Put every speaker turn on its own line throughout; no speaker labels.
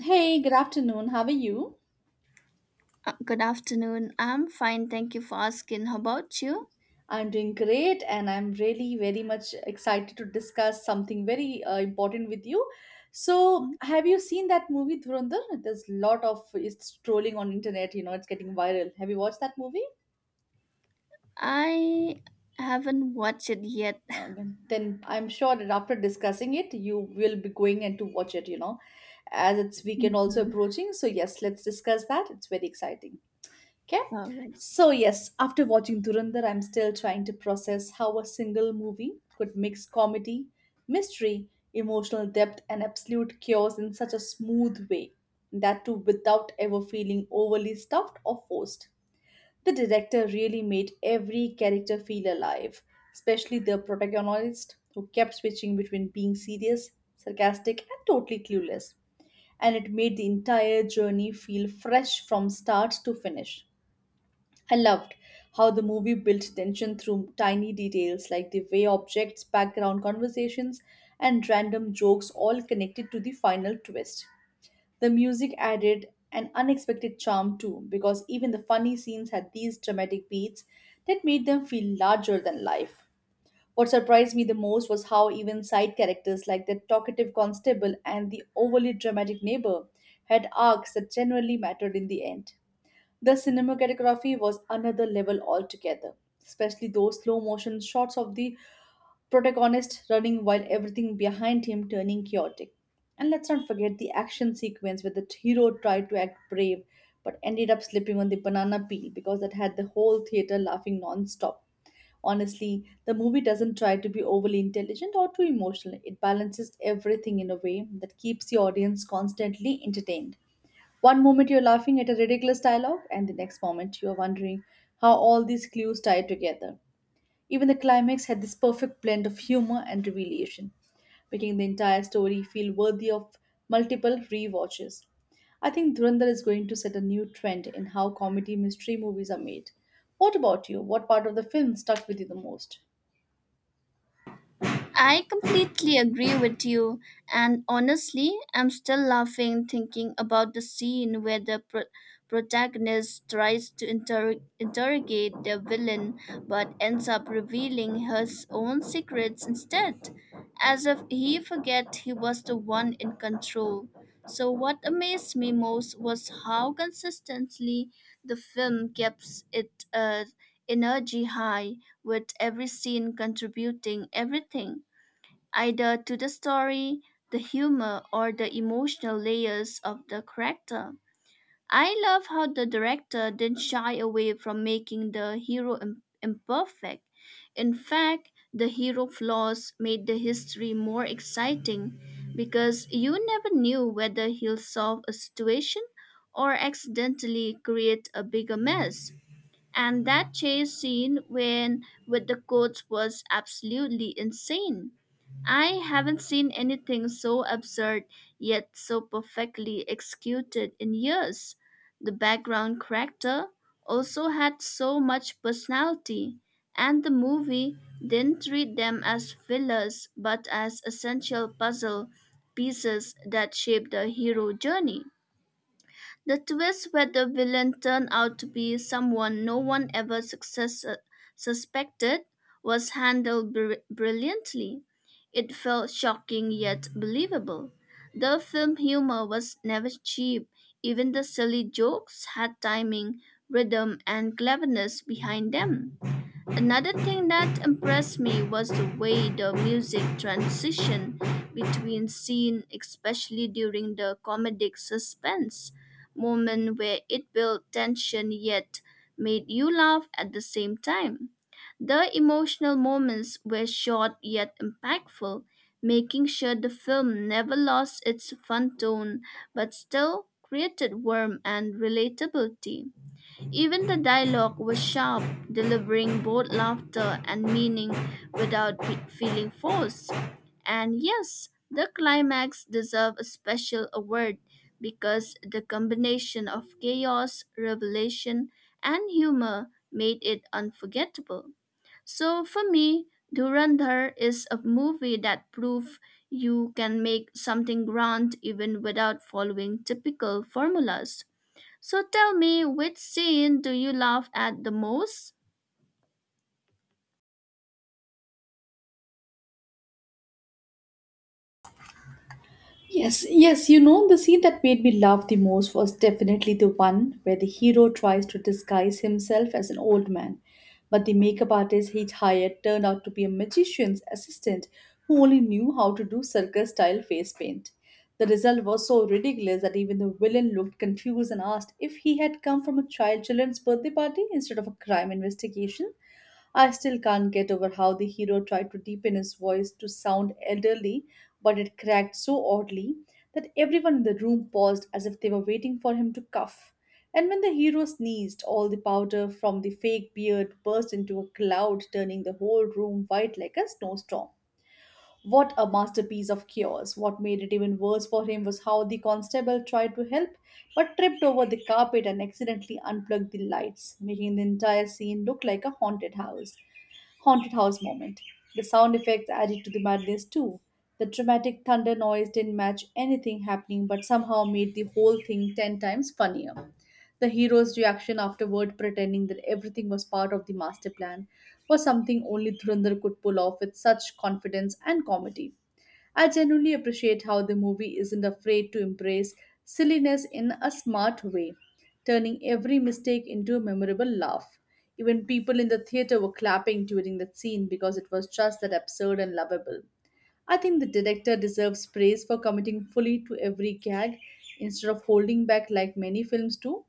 Hey, good afternoon. How are you?
Good afternoon. I'm fine. Thank you for asking. How about you?
I'm doing great, and I'm really very much excited to discuss something very important with you. So,
Mhm.
have you seen that movie Dhurandhar? There's a lot of it's trolling on internet. You know, it's getting viral. Have you watched that movie?
I haven't watched it yet.
Uh, then I'm sure that after discussing it, you will be going and to watch it. You know, as it's weekend also
Mhm.
approaching. So yes, let's discuss that. It's very exciting. Okay.
All right.
So, yes, after watching Durandar, I'm still trying to process how a single movie could mix comedy, mystery, emotional depth, and absolute chaos in such a smooth way. That too, without ever feeling overly stuffed or forced. The director really made every character feel alive, especially the protagonist, who kept switching between being serious, sarcastic, and totally clueless, and it made the entire journey feel fresh from start to finish. I loved how the movie built tension through tiny details like the way objects, background conversations, and random jokes all connected to the final twist. The music added an unexpected charm too, because even the funny scenes had these dramatic beats that made them feel larger than life. What surprised me the most was how even side characters like the talkative constable and the overly dramatic neighbor had arcs that generally mattered in the end. The cinematography was another level altogether, especially those slow motion shots of the protagonist running while everything behind him turning chaotic. And let's not forget the action sequence where the hero tried to act brave but ended up slipping on the banana peel because that had the whole theater laughing non-stop. Honestly, the movie doesn't try to be overly intelligent or too emotional. It balances everything in a way that keeps the audience constantly entertained. One moment you're laughing at a ridiculous dialogue, and the next moment you're wondering how all these clues tie together. Even the climax had this perfect blend of humor and revelation, making the entire story feel worthy of multiple rewatches. I think Dhurandhar is going to set a new trend in how comedy mystery movies are made. What about you? What part of the film stuck with you the most?
I completely agree with you, and honestly, I'm still laughing thinking about the scene where the protagonist tries to interrogate the villain but ends up revealing his own secrets instead, as if he forget he was the one in control. So, what amazed me most was how consistently the film keeps its energy high, with every scene contributing everything either to the story, the humor, or the emotional layers of the character. I love how the director didn't shy away from making the hero imperfect. In fact, the hero flaws made the history more exciting because you never knew whether he'll solve a situation or accidentally create a bigger mess. And that chase scene when with the coach was absolutely insane. I haven't seen anything so absurd yet so perfectly executed in years. The background character also had so much personality, and the movie didn't treat them as fillers but as essential puzzle pieces that shape the hero journey. The twist where the villain turned out to be someone no one ever suspected was handled brilliantly. It felt shocking yet believable. The film humor was never cheap. Even the silly jokes had timing, rhythm, and cleverness behind them. Another thing that impressed me was the way the music transitioned between scene, especially during the comedic suspense moment where it built tension yet made you laugh at the same time. The emotional moments were short yet impactful, making sure the film never lost its fun tone but still created warmth and relatability. Even the dialogue was sharp, delivering both laughter and meaning without feeling forced. And yes, the climax deserved a special award because the combination of chaos, revelation, and humor made it unforgettable. So for me, Durandar is a movie that proves you can make something grand even without following typical formulas. So tell me, which scene do you laugh at the most?
Yes, yes, you know, the scene that made me laugh the most was definitely the one where the hero tries to disguise himself as an old man. But the makeup artist he hired turned out to be a magician's assistant who only knew how to do circus style face paint. The result was so ridiculous that even the villain looked confused and asked if he had come from a child children's birthday party instead of a crime investigation. I still can't get over how the hero tried to deepen his voice to sound elderly but it cracked so oddly that everyone in the room paused as if they were waiting for him to cough. And when the hero sneezed, all the powder from the fake beard burst into a cloud, turning the whole room white like a snowstorm. What a masterpiece of chaos! What made it even worse for him was how the constable tried to help but tripped over the carpet and accidentally unplugged the lights, making the entire scene look like a haunted house moment. The sound effects added to the madness too. The dramatic thunder noise didn't match anything happening but somehow made the whole thing 10 times funnier. The hero's reaction afterward, pretending that everything was part of the master plan, was something only Dhurandhar could pull off with such confidence and comedy. I genuinely appreciate how the movie isn't afraid to embrace silliness in a smart way, turning every mistake into a memorable laugh. Even people in the theater were clapping during that scene because it was just that absurd and lovable. I think the director deserves praise for committing fully to every gag instead of holding back like many films do.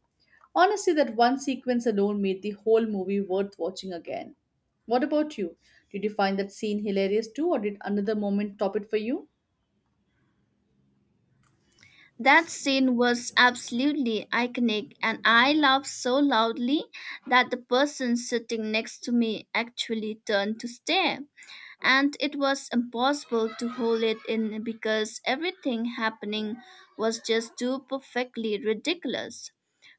Honestly, that one sequence alone made the whole movie worth watching again. What about you? Did you find that scene hilarious too, or did another moment top it for you?
That scene was absolutely iconic, and I laughed so loudly that the person sitting next to me actually turned to stare. And it was impossible to hold it in because everything happening was just too perfectly ridiculous.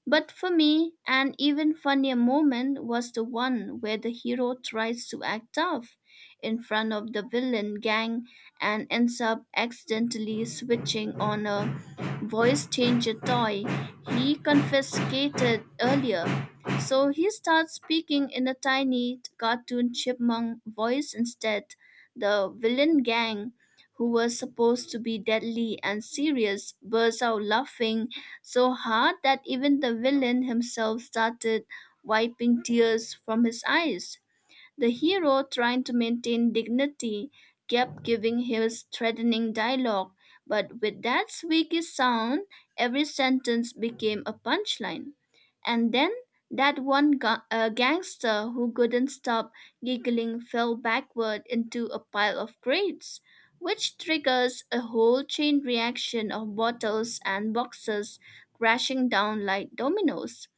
But for me, an even funnier moment was the one where the hero tries to act tough in front of the villain gang and ends up accidentally switching on a voice changer toy he confiscated earlier. So he starts speaking in a tiny cartoon chipmunk voice instead. The villain gang, who was supposed to be deadly and serious, bursts out laughing so hard that even the villain himself started wiping tears from his eyes. The hero, trying to maintain dignity, kept giving his threatening dialogue, but with that squeaky sound, every sentence became a punchline. And then that one gangster who couldn't stop giggling fell backward into a pile of crates, which triggers a whole chain reaction of bottles and boxes crashing down like dominoes.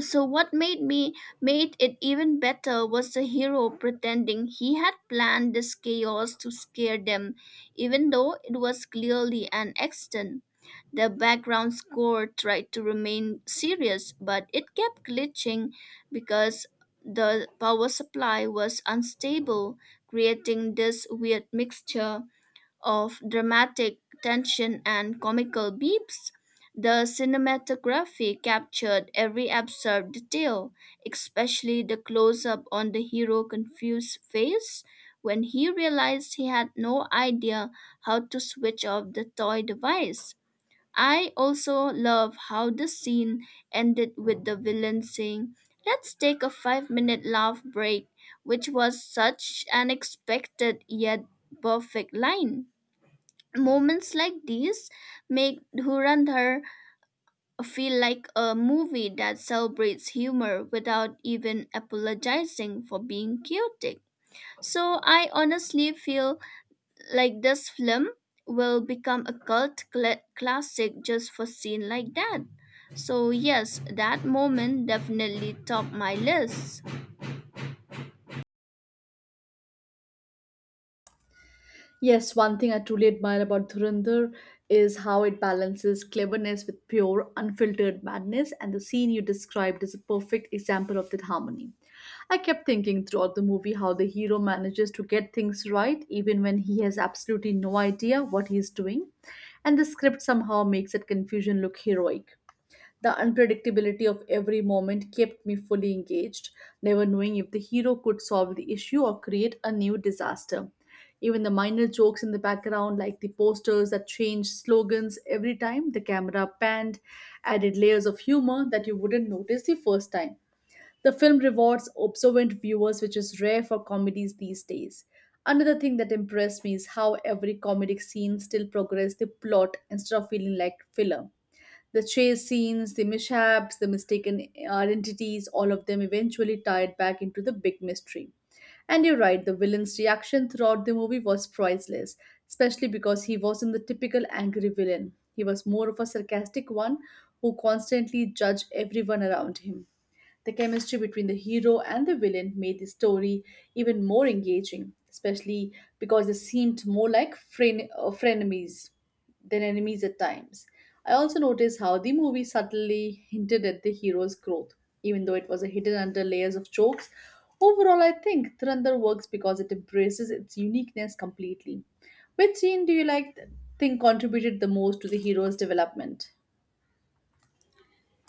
So what made it even better was the hero pretending he had planned this chaos to scare them, even though it was clearly an accident. The background score tried to remain serious, but it kept glitching because the power supply was unstable, creating this weird mixture of dramatic tension and comical beeps, the cinematography captured every absurd detail, especially the close up on the hero confused face when he realized he had no idea how to switch off the toy device. I also love how the scene ended with the villain saying, Let's take a 5-minute laugh break, which was such an expected yet perfect line. Moments like these make Dhurandhar feel like a movie that celebrates humor without even apologizing for being chaotic. So I honestly feel like this film will become a cult classic just for scene like that. So yes, that moment definitely topped my list.
Yes, one thing I truly admire about Dhurandhar is how it balances cleverness with pure, unfiltered madness, and the scene you described is a perfect example of that harmony. I kept thinking throughout the movie how the hero manages to get things right even when he has absolutely no idea what he is doing, and the script somehow makes that confusion look heroic. The unpredictability of every moment kept me fully engaged, never knowing if the hero could solve the issue or create a new disaster. Even the minor jokes in the background, like the posters that changed slogans every time the camera panned, added layers of humor that you wouldn't notice the first time. The film rewards observant viewers, which is rare for comedies these days. Another thing that impressed me is how every comedic scene still progressed the plot instead of feeling like filler. The chase scenes, the mishaps, the mistaken identities, all of them eventually tied back into the big mystery. And you're right, the villain's reaction throughout the movie was priceless, especially because he wasn't the typical angry villain. He was more of a sarcastic one who constantly judged everyone around him. The chemistry between the hero and the villain made the story even more engaging, especially because they seemed more like frenemies than enemies at times. I also noticed how the movie subtly hinted at the hero's growth, even though it was hidden under layers of jokes. Overall, I think Thurandar works because it embraces its uniqueness completely. Which scene do you think contributed the most to the hero's development?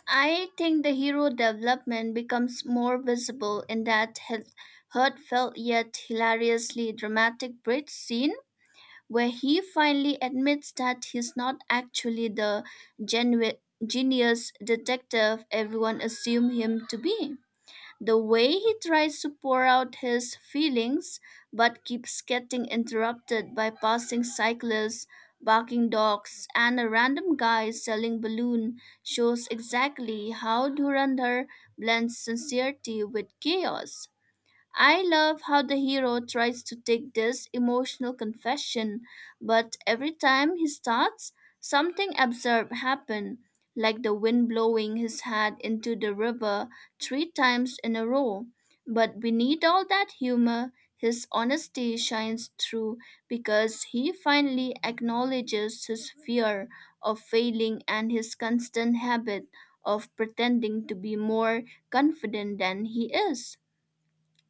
I think the hero development becomes more visible in that heartfelt yet hilariously dramatic bridge scene where he finally admits that he's not actually the genu- genius detective everyone assumed him to be. The way he tries to pour out his feelings but keeps getting interrupted by passing cyclists, barking dogs, and a random guy selling balloon shows exactly how Dhurandhar blends sincerity with chaos. I love how the hero tries to take this emotional confession, but every time he starts, something absurd happens, like the wind blowing his hat into the river 3 times in a row. But beneath all that humor, his honesty shines through because he finally acknowledges his fear of failing and his constant habit of pretending to be more confident than he is.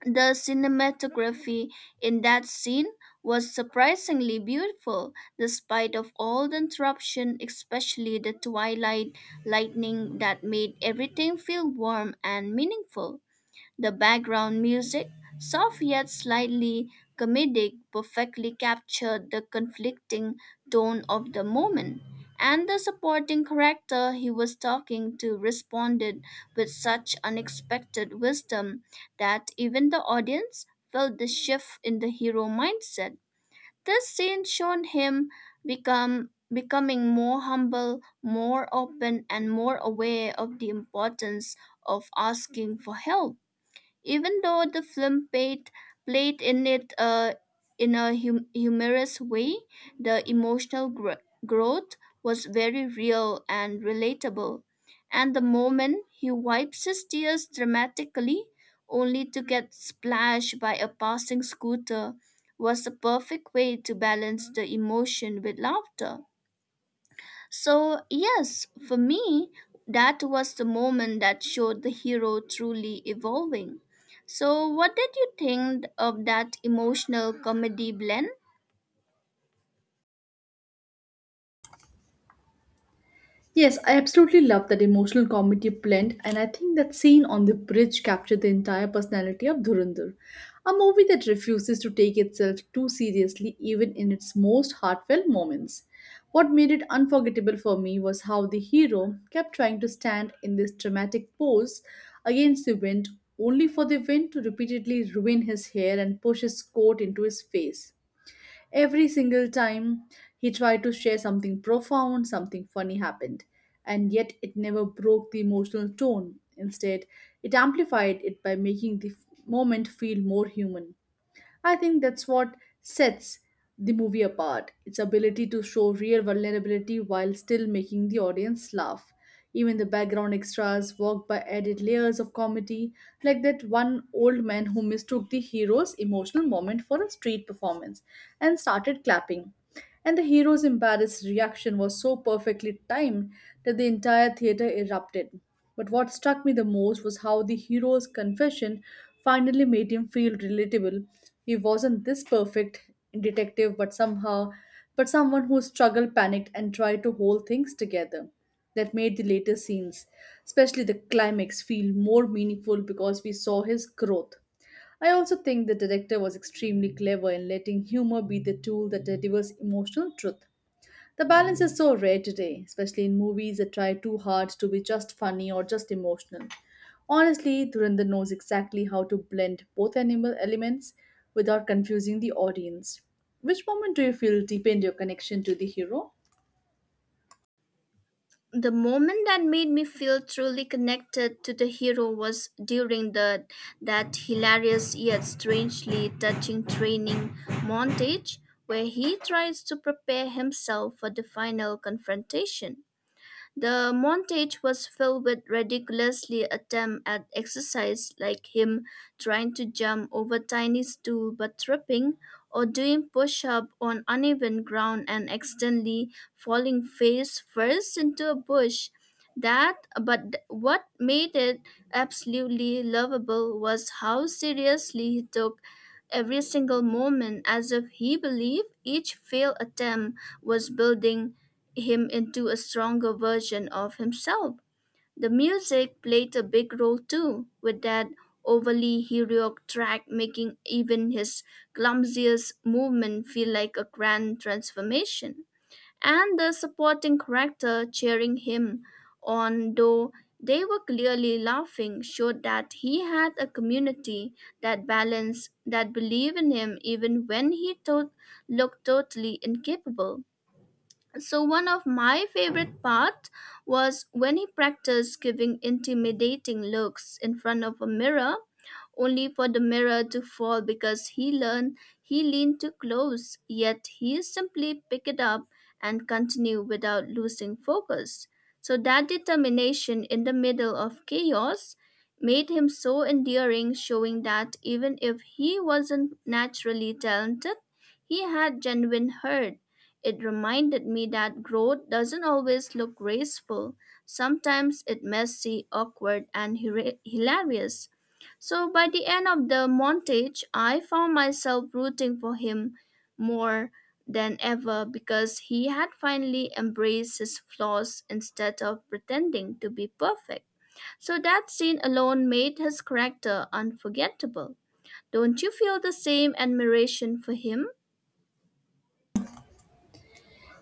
The cinematography in that scene was surprisingly beautiful despite of all the interruption, especially the twilight lightning that made everything feel warm and meaningful. The background music, soft yet slightly comedic, perfectly captured the conflicting tone of the moment, and the supporting character he was talking to responded with such unexpected wisdom that even the audience felt the shift in the hero mindset. This scene showed him become becoming more humble, more open, and more aware of the importance of asking for help. Even though the film played in a humorous way, the emotional growth was very real and relatable. And the moment he wipes his tears dramatically, only to get splashed by a passing scooter, was the perfect way to balance the emotion with laughter. So, yes, for me, that was the moment that showed the hero truly evolving. So, what did you think of that emotional comedy blend?
Yes, I absolutely love that emotional comedy blend, and I think that scene on the bridge captured the entire personality of Dhurandhar. A movie that refuses to take itself too seriously, even in its most heartfelt moments. What made it unforgettable for me was how the hero kept trying to stand in this dramatic pose against the wind, only for the wind to repeatedly ruin his hair and push his coat into his face. Every single time he tried to share something profound, something funny happened, and yet it never broke the emotional tone. Instead, it amplified it by making the moment feel more human. I think that's what sets the movie apart, its ability to show real vulnerability while still making the audience laugh. Even the background extras work by added layers of comedy, like that one old man who mistook the hero's emotional moment for a street performance and started clapping. And the hero's embarrassed reaction was so perfectly timed that the entire theater erupted. But what struck me the most was how the hero's confession finally made him feel relatable. He wasn't this perfect detective, but somehow, but someone who struggled, panicked, and tried to hold things together. That made the later scenes, especially the climax, feel more meaningful because we saw his growth. I also think the director was extremely clever in letting humor be the tool that delivers emotional truth. The balance is so rare today, especially in movies that try too hard to be just funny or just emotional. Honestly, Dhurandhar knows exactly how to blend both animal elements without confusing the audience. Which moment do you feel deepened your connection to the hero?
The moment that made me feel truly connected to the hero was during the that hilarious yet strangely touching training montage where he tries to prepare himself for the final confrontation. The montage was filled with ridiculously attempt at exercise like him trying to jump over tiny stool but tripping or doing push-up on uneven ground and accidentally falling face first into a bush. That but what made it absolutely lovable was how seriously he took every single moment as if he believed each failed attempt was building him into a stronger version of himself. The music played a big role too, with that overly heroic track making even his clumsiest movement feel like a grand transformation. And the supporting character cheering him on, though they were clearly laughing, showed that he had a community that balanced, that believed in him even when he looked totally incapable. So, one of my favorite parts was when he practiced giving intimidating looks in front of a mirror only for the mirror to fall because he learned he leaned too close, yet he simply picked it up and continued without losing focus. So that determination in the middle of chaos made him so endearing, showing that even if he wasn't naturally talented, he had genuine heart. It reminded me that growth doesn't always look graceful. Sometimes it's messy, awkward, and hilarious. So by the end of the montage, I found myself rooting for him more than ever because he had finally embraced his flaws instead of pretending to be perfect. So that scene alone made his character unforgettable. Don't you feel the same admiration for him?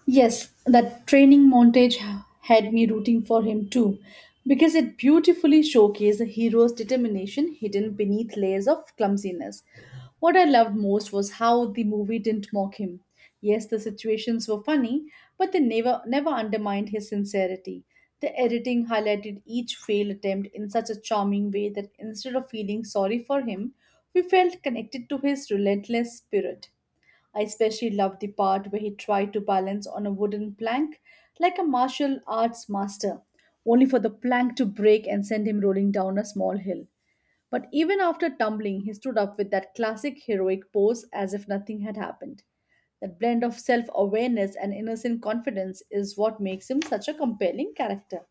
Yes, that training montage had me rooting for him too, because it beautifully showcased the hero's determination hidden beneath layers of clumsiness. What I loved most was how the movie didn't mock him. Yes, the situations were funny, but they never undermined his sincerity. The editing highlighted each failed attempt in such a charming way that instead of feeling sorry for him, we felt connected to his relentless spirit. I especially loved the part where he tried to balance on a wooden plank like a martial arts master, only for the plank to break and send him rolling down a small hill. But even after tumbling, he stood up with that classic heroic pose as if nothing had happened. That blend of self awareness and innocent confidence is what makes him such a compelling character.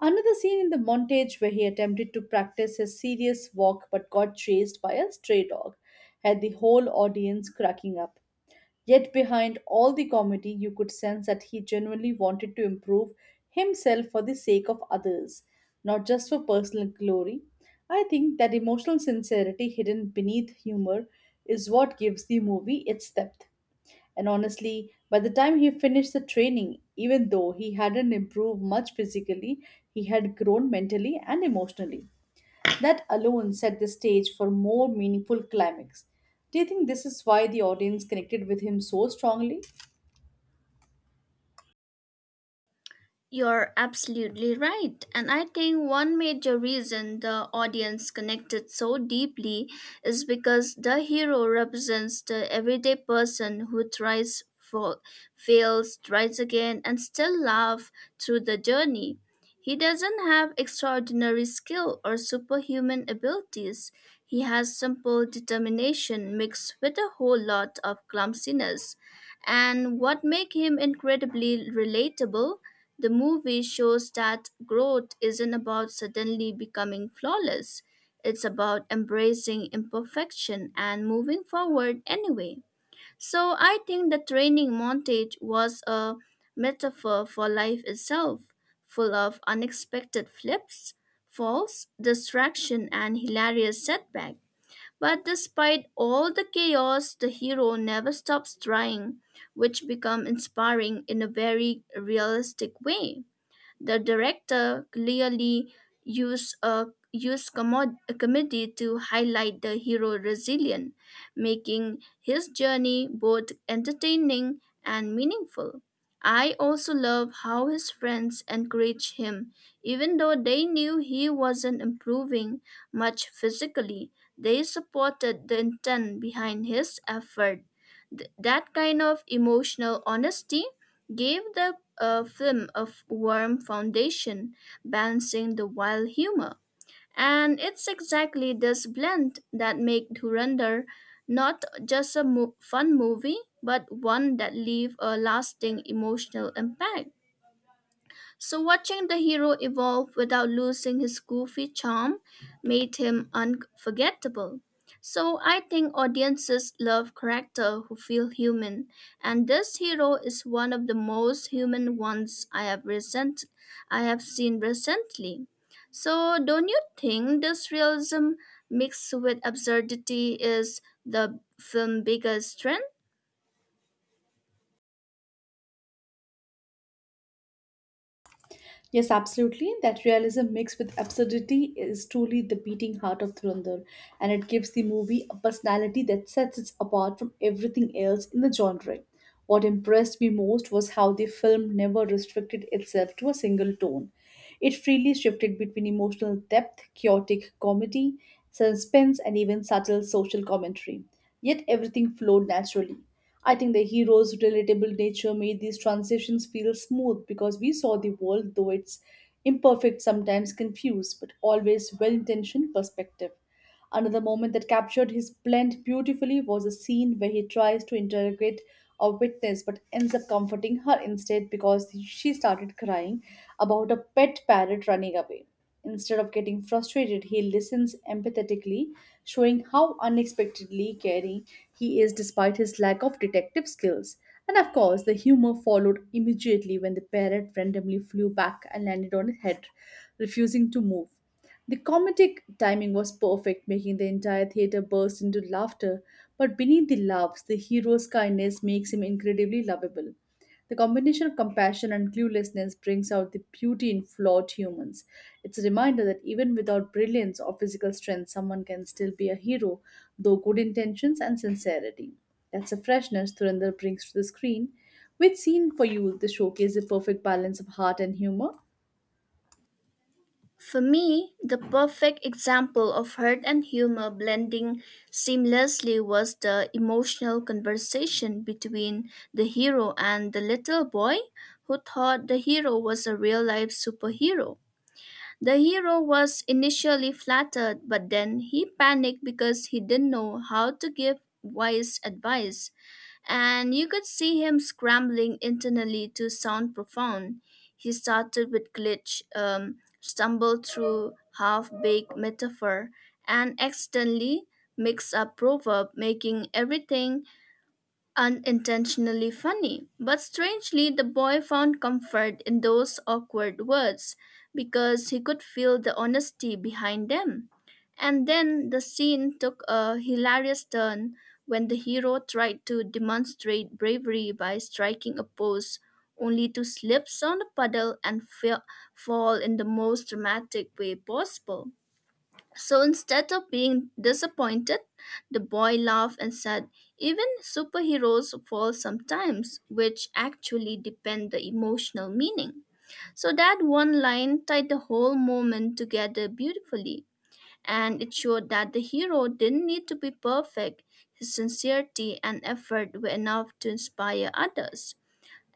Another scene in the montage where he attempted to practice his serious walk but got chased by a stray dog had the whole audience cracking up. Yet, behind all the comedy, you could sense that he genuinely wanted to improve himself for the sake of others, not just for personal glory. I think that emotional sincerity hidden beneath humor is what gives the movie its depth. And honestly, by the time he finished the training, even though he hadn't improved much physically, he had grown mentally and emotionally. That alone set the stage for more meaningful climax. Do you think this is why the audience connected with him so strongly?
You're absolutely right. And I think one major reason the audience connected so deeply is because the hero represents the everyday person who tries, fails, tries again, and still laughs through the journey. He doesn't have extraordinary skill or superhuman abilities. He has simple determination mixed with a whole lot of clumsiness. And what makes him incredibly relatable the movie shows that growth isn't about suddenly becoming flawless. It's about embracing imperfection and moving forward anyway. So I think the training montage was a metaphor for life itself, full of unexpected flips, falls, distraction, and hilarious setback. But despite all the chaos, the hero never stops trying, which become inspiring in a very realistic way. The director clearly used a used a comedy to highlight the hero resilient, making his journey both entertaining and meaningful. I also love how his friends encouraged him, even though they knew he wasn't improving much physically. They supported the intent behind his effort. That kind of emotional honesty gave the film a warm foundation, balancing the wild humor. And it's exactly this blend that makes Dhurandhar not just a fun movie, but one that leaves a lasting emotional impact. So, watching the hero evolve without losing his goofy charm made him unforgettable. So, I think audiences love characters who feel human, and this hero is one of the most human ones I have seen recently. So, don't you think this realism mixed with absurdity is the film's biggest strength?
Yes, absolutely. That realism mixed with absurdity is truly the beating heart of Thurandar, and it gives the movie a personality that sets it apart from everything else in the genre. What impressed me most was how the film never restricted itself to a single tone. It freely shifted between emotional depth, chaotic comedy, suspense, and even subtle social commentary. Yet everything flowed naturally. I think the hero's relatable nature made these transitions feel smooth because we saw the world, though it's imperfect, sometimes confused, but always well intentioned perspective. Another moment that captured his blend beautifully was a scene where he tries to interrogate a witness but ends up comforting her instead because she started crying about a pet parrot running away. Instead of getting frustrated, he listens empathetically, showing how unexpectedly caring he is despite his lack of detective skills. And of course, the humor followed immediately when the parrot randomly flew back and landed on his head, refusing to move. The comedic timing was perfect, making the entire theater burst into laughter. But beneath the laughs, the hero's kindness makes him incredibly lovable. The combination of compassion and cluelessness brings out the beauty in flawed humans. It's a reminder that even without brilliance or physical strength, someone can still be a hero, though good intentions and sincerity. That's the freshness Thurinder brings to the screen. Which scene for you the showcase the perfect balance of heart and humor?
For me, the perfect example of hurt and humor blending seamlessly was the emotional conversation between the hero and the little boy who thought the hero was a real life superhero. The hero was initially flattered, but then he panicked because he didn't know how to give wise advice and you could see him scrambling internally to sound profound. He started with glitch, stumbled through half baked metaphor, and accidentally mixed up proverb, making everything unintentionally funny, but strangely, the boy found comfort in those awkward words because he could feel the honesty behind them. And then the scene took a hilarious turn when the hero tried to demonstrate bravery by striking a pose only to slip on a puddle and fall in the most dramatic way possible. So instead of being disappointed, the boy laughed and said, Even superheroes fall sometimes, which actually depend the emotional meaning. So that one line tied the whole moment together beautifully, and it showed that the hero didn't need to be perfect. His sincerity and effort were enough to inspire others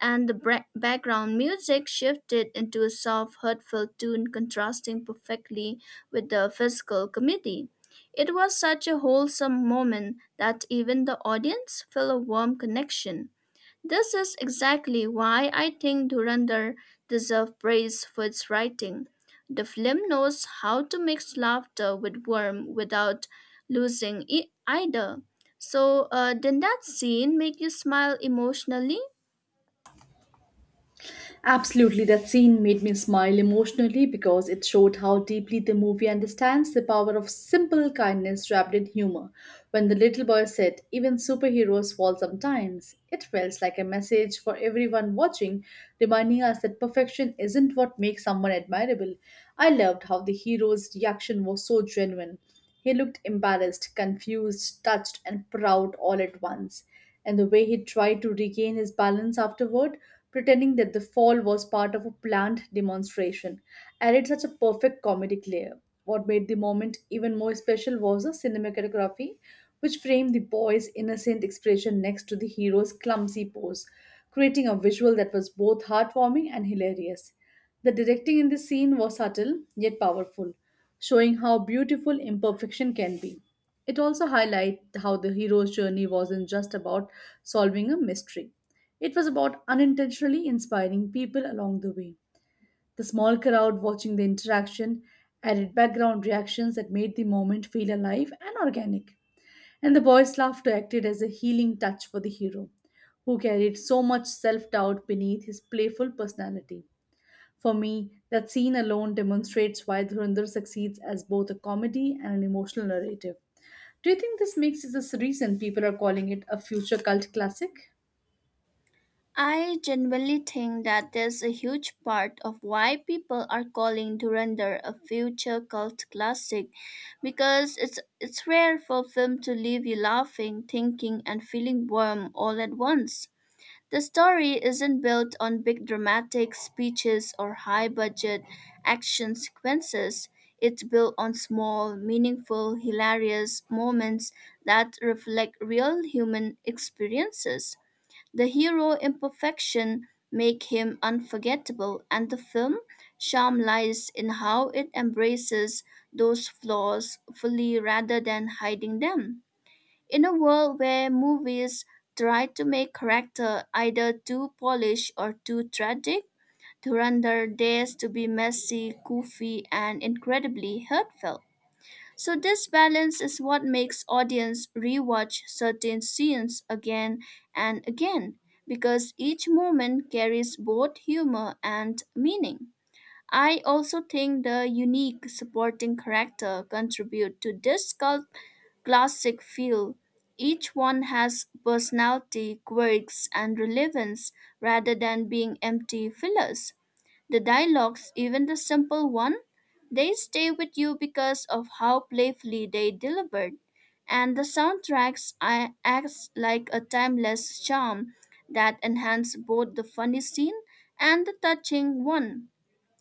and the background music shifted into a soft, hurtful tune contrasting perfectly with the physical comedy. It was such a wholesome moment that even the audience felt a warm connection. This is exactly why I think Durandar deserves praise for its writing. The film knows how to mix laughter with warmth without losing it either. So, did that scene make you smile emotionally?
Absolutely, that scene made me smile emotionally because it showed how deeply the movie understands the power of simple kindness wrapped in humor. When the little boy said, "Even superheroes fall sometimes," it felt like a message for everyone watching, reminding us that perfection isn't what makes someone admirable. I loved how the hero's reaction was so genuine. He looked embarrassed, confused, touched, and proud all at once, and the way he tried to regain his balance afterward, pretending that the fall was part of a planned demonstration, added such a perfect comedic layer. What made the moment even more special was the cinematography, which framed the boy's innocent expression next to the hero's clumsy pose, creating a visual that was both heartwarming and hilarious. The directing in this scene was subtle yet powerful, showing how beautiful imperfection can be. It also highlights how the hero's journey wasn't just about solving a mystery. It was about unintentionally inspiring people along the way. The small crowd watching the interaction added background reactions that made the moment feel alive and organic. And the boy's laughter acted as a healing touch for the hero, who carried so much self doubt beneath his playful personality. For me, that scene alone demonstrates why Dhurandhar succeeds as both a comedy and an emotional narrative. Do you think this makes this the reason people are calling it a future cult classic?
I genuinely think that there's a huge part of why people are calling Durandar a future cult classic because it's rare for a film to leave you laughing, thinking and feeling warm all at once. The story isn't built on big dramatic speeches or high budget action sequences. It's built on small, meaningful, hilarious moments that reflect real human experiences. The hero imperfection make him unforgettable and the film charm lies in how it embraces those flaws fully rather than hiding them. In a world where movies try to make character either too polished or too tragic, Durandar dares to be messy, goofy, and incredibly heartfelt. So this balance is what makes audience rewatch certain scenes again and again because each moment carries both humor and meaning. I also think the unique supporting character contribute to this cult classic feel. Each one has personality, quirks, and relevance rather than being empty fillers. The dialogues, even the simple one, they stay with you because of how playfully they delivered. And the soundtracks I- acts like a timeless charm that enhance both the funny scene and the touching one.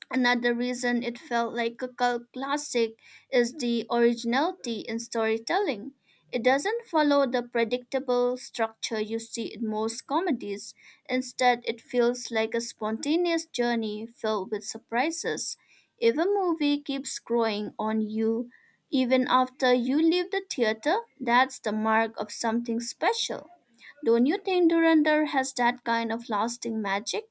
Another reason it felt like a cult classic is the originality in storytelling. It doesn't follow the predictable structure you see in most comedies. Instead, it feels like a spontaneous journey filled with surprises. If a movie keeps growing on you even after you leave the theater, that's the mark of something special. Don't you think Durandar has that kind of lasting magic?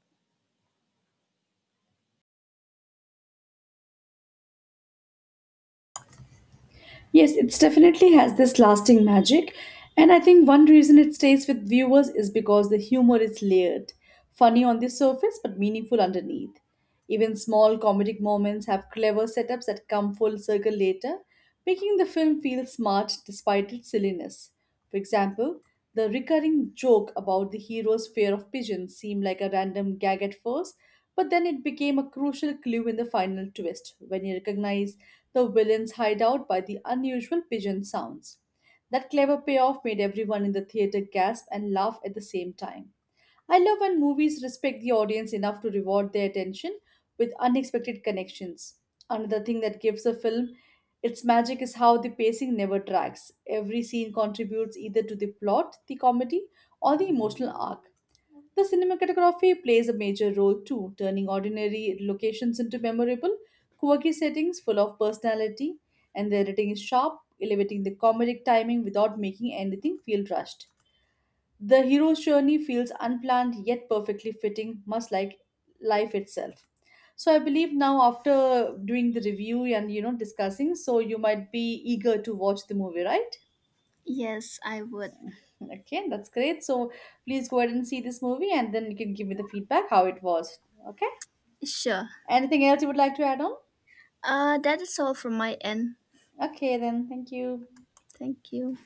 Yes, it definitely has this lasting magic, and I think one reason it stays with viewers is because the humor is layered, funny on the surface but meaningful underneath. Even small comedic moments have clever setups that come full circle later, making the film feel smart despite its silliness. For example, the recurring joke about the hero's fear of pigeons seemed like a random gag at first, but then it became a crucial clue in the final twist when you recognize the villain's hideout by the unusual pigeon sounds. That clever payoff made everyone in the theater gasp and laugh at the same time. I love when movies respect the audience enough to reward their attention with unexpected connections. Another thing that gives a film its magic is how the pacing never drags. Every scene contributes either to the plot, the comedy, or the emotional arc. The cinematography plays a major role too, turning ordinary locations into memorable, quirky settings full of personality, and the editing is sharp, elevating the comedic timing without making anything feel rushed. The hero's journey feels unplanned yet perfectly fitting, much like life itself. So I believe now, after doing the review and discussing, so you might be eager to watch the movie, right?
Yes, I would.
Okay, that's great. So please go ahead and see this movie and then you can give me the feedback how it was. Okay?
Sure.
Anything else you would like to add on?
That is all from my end.
Okay, then thank you.
Thank you.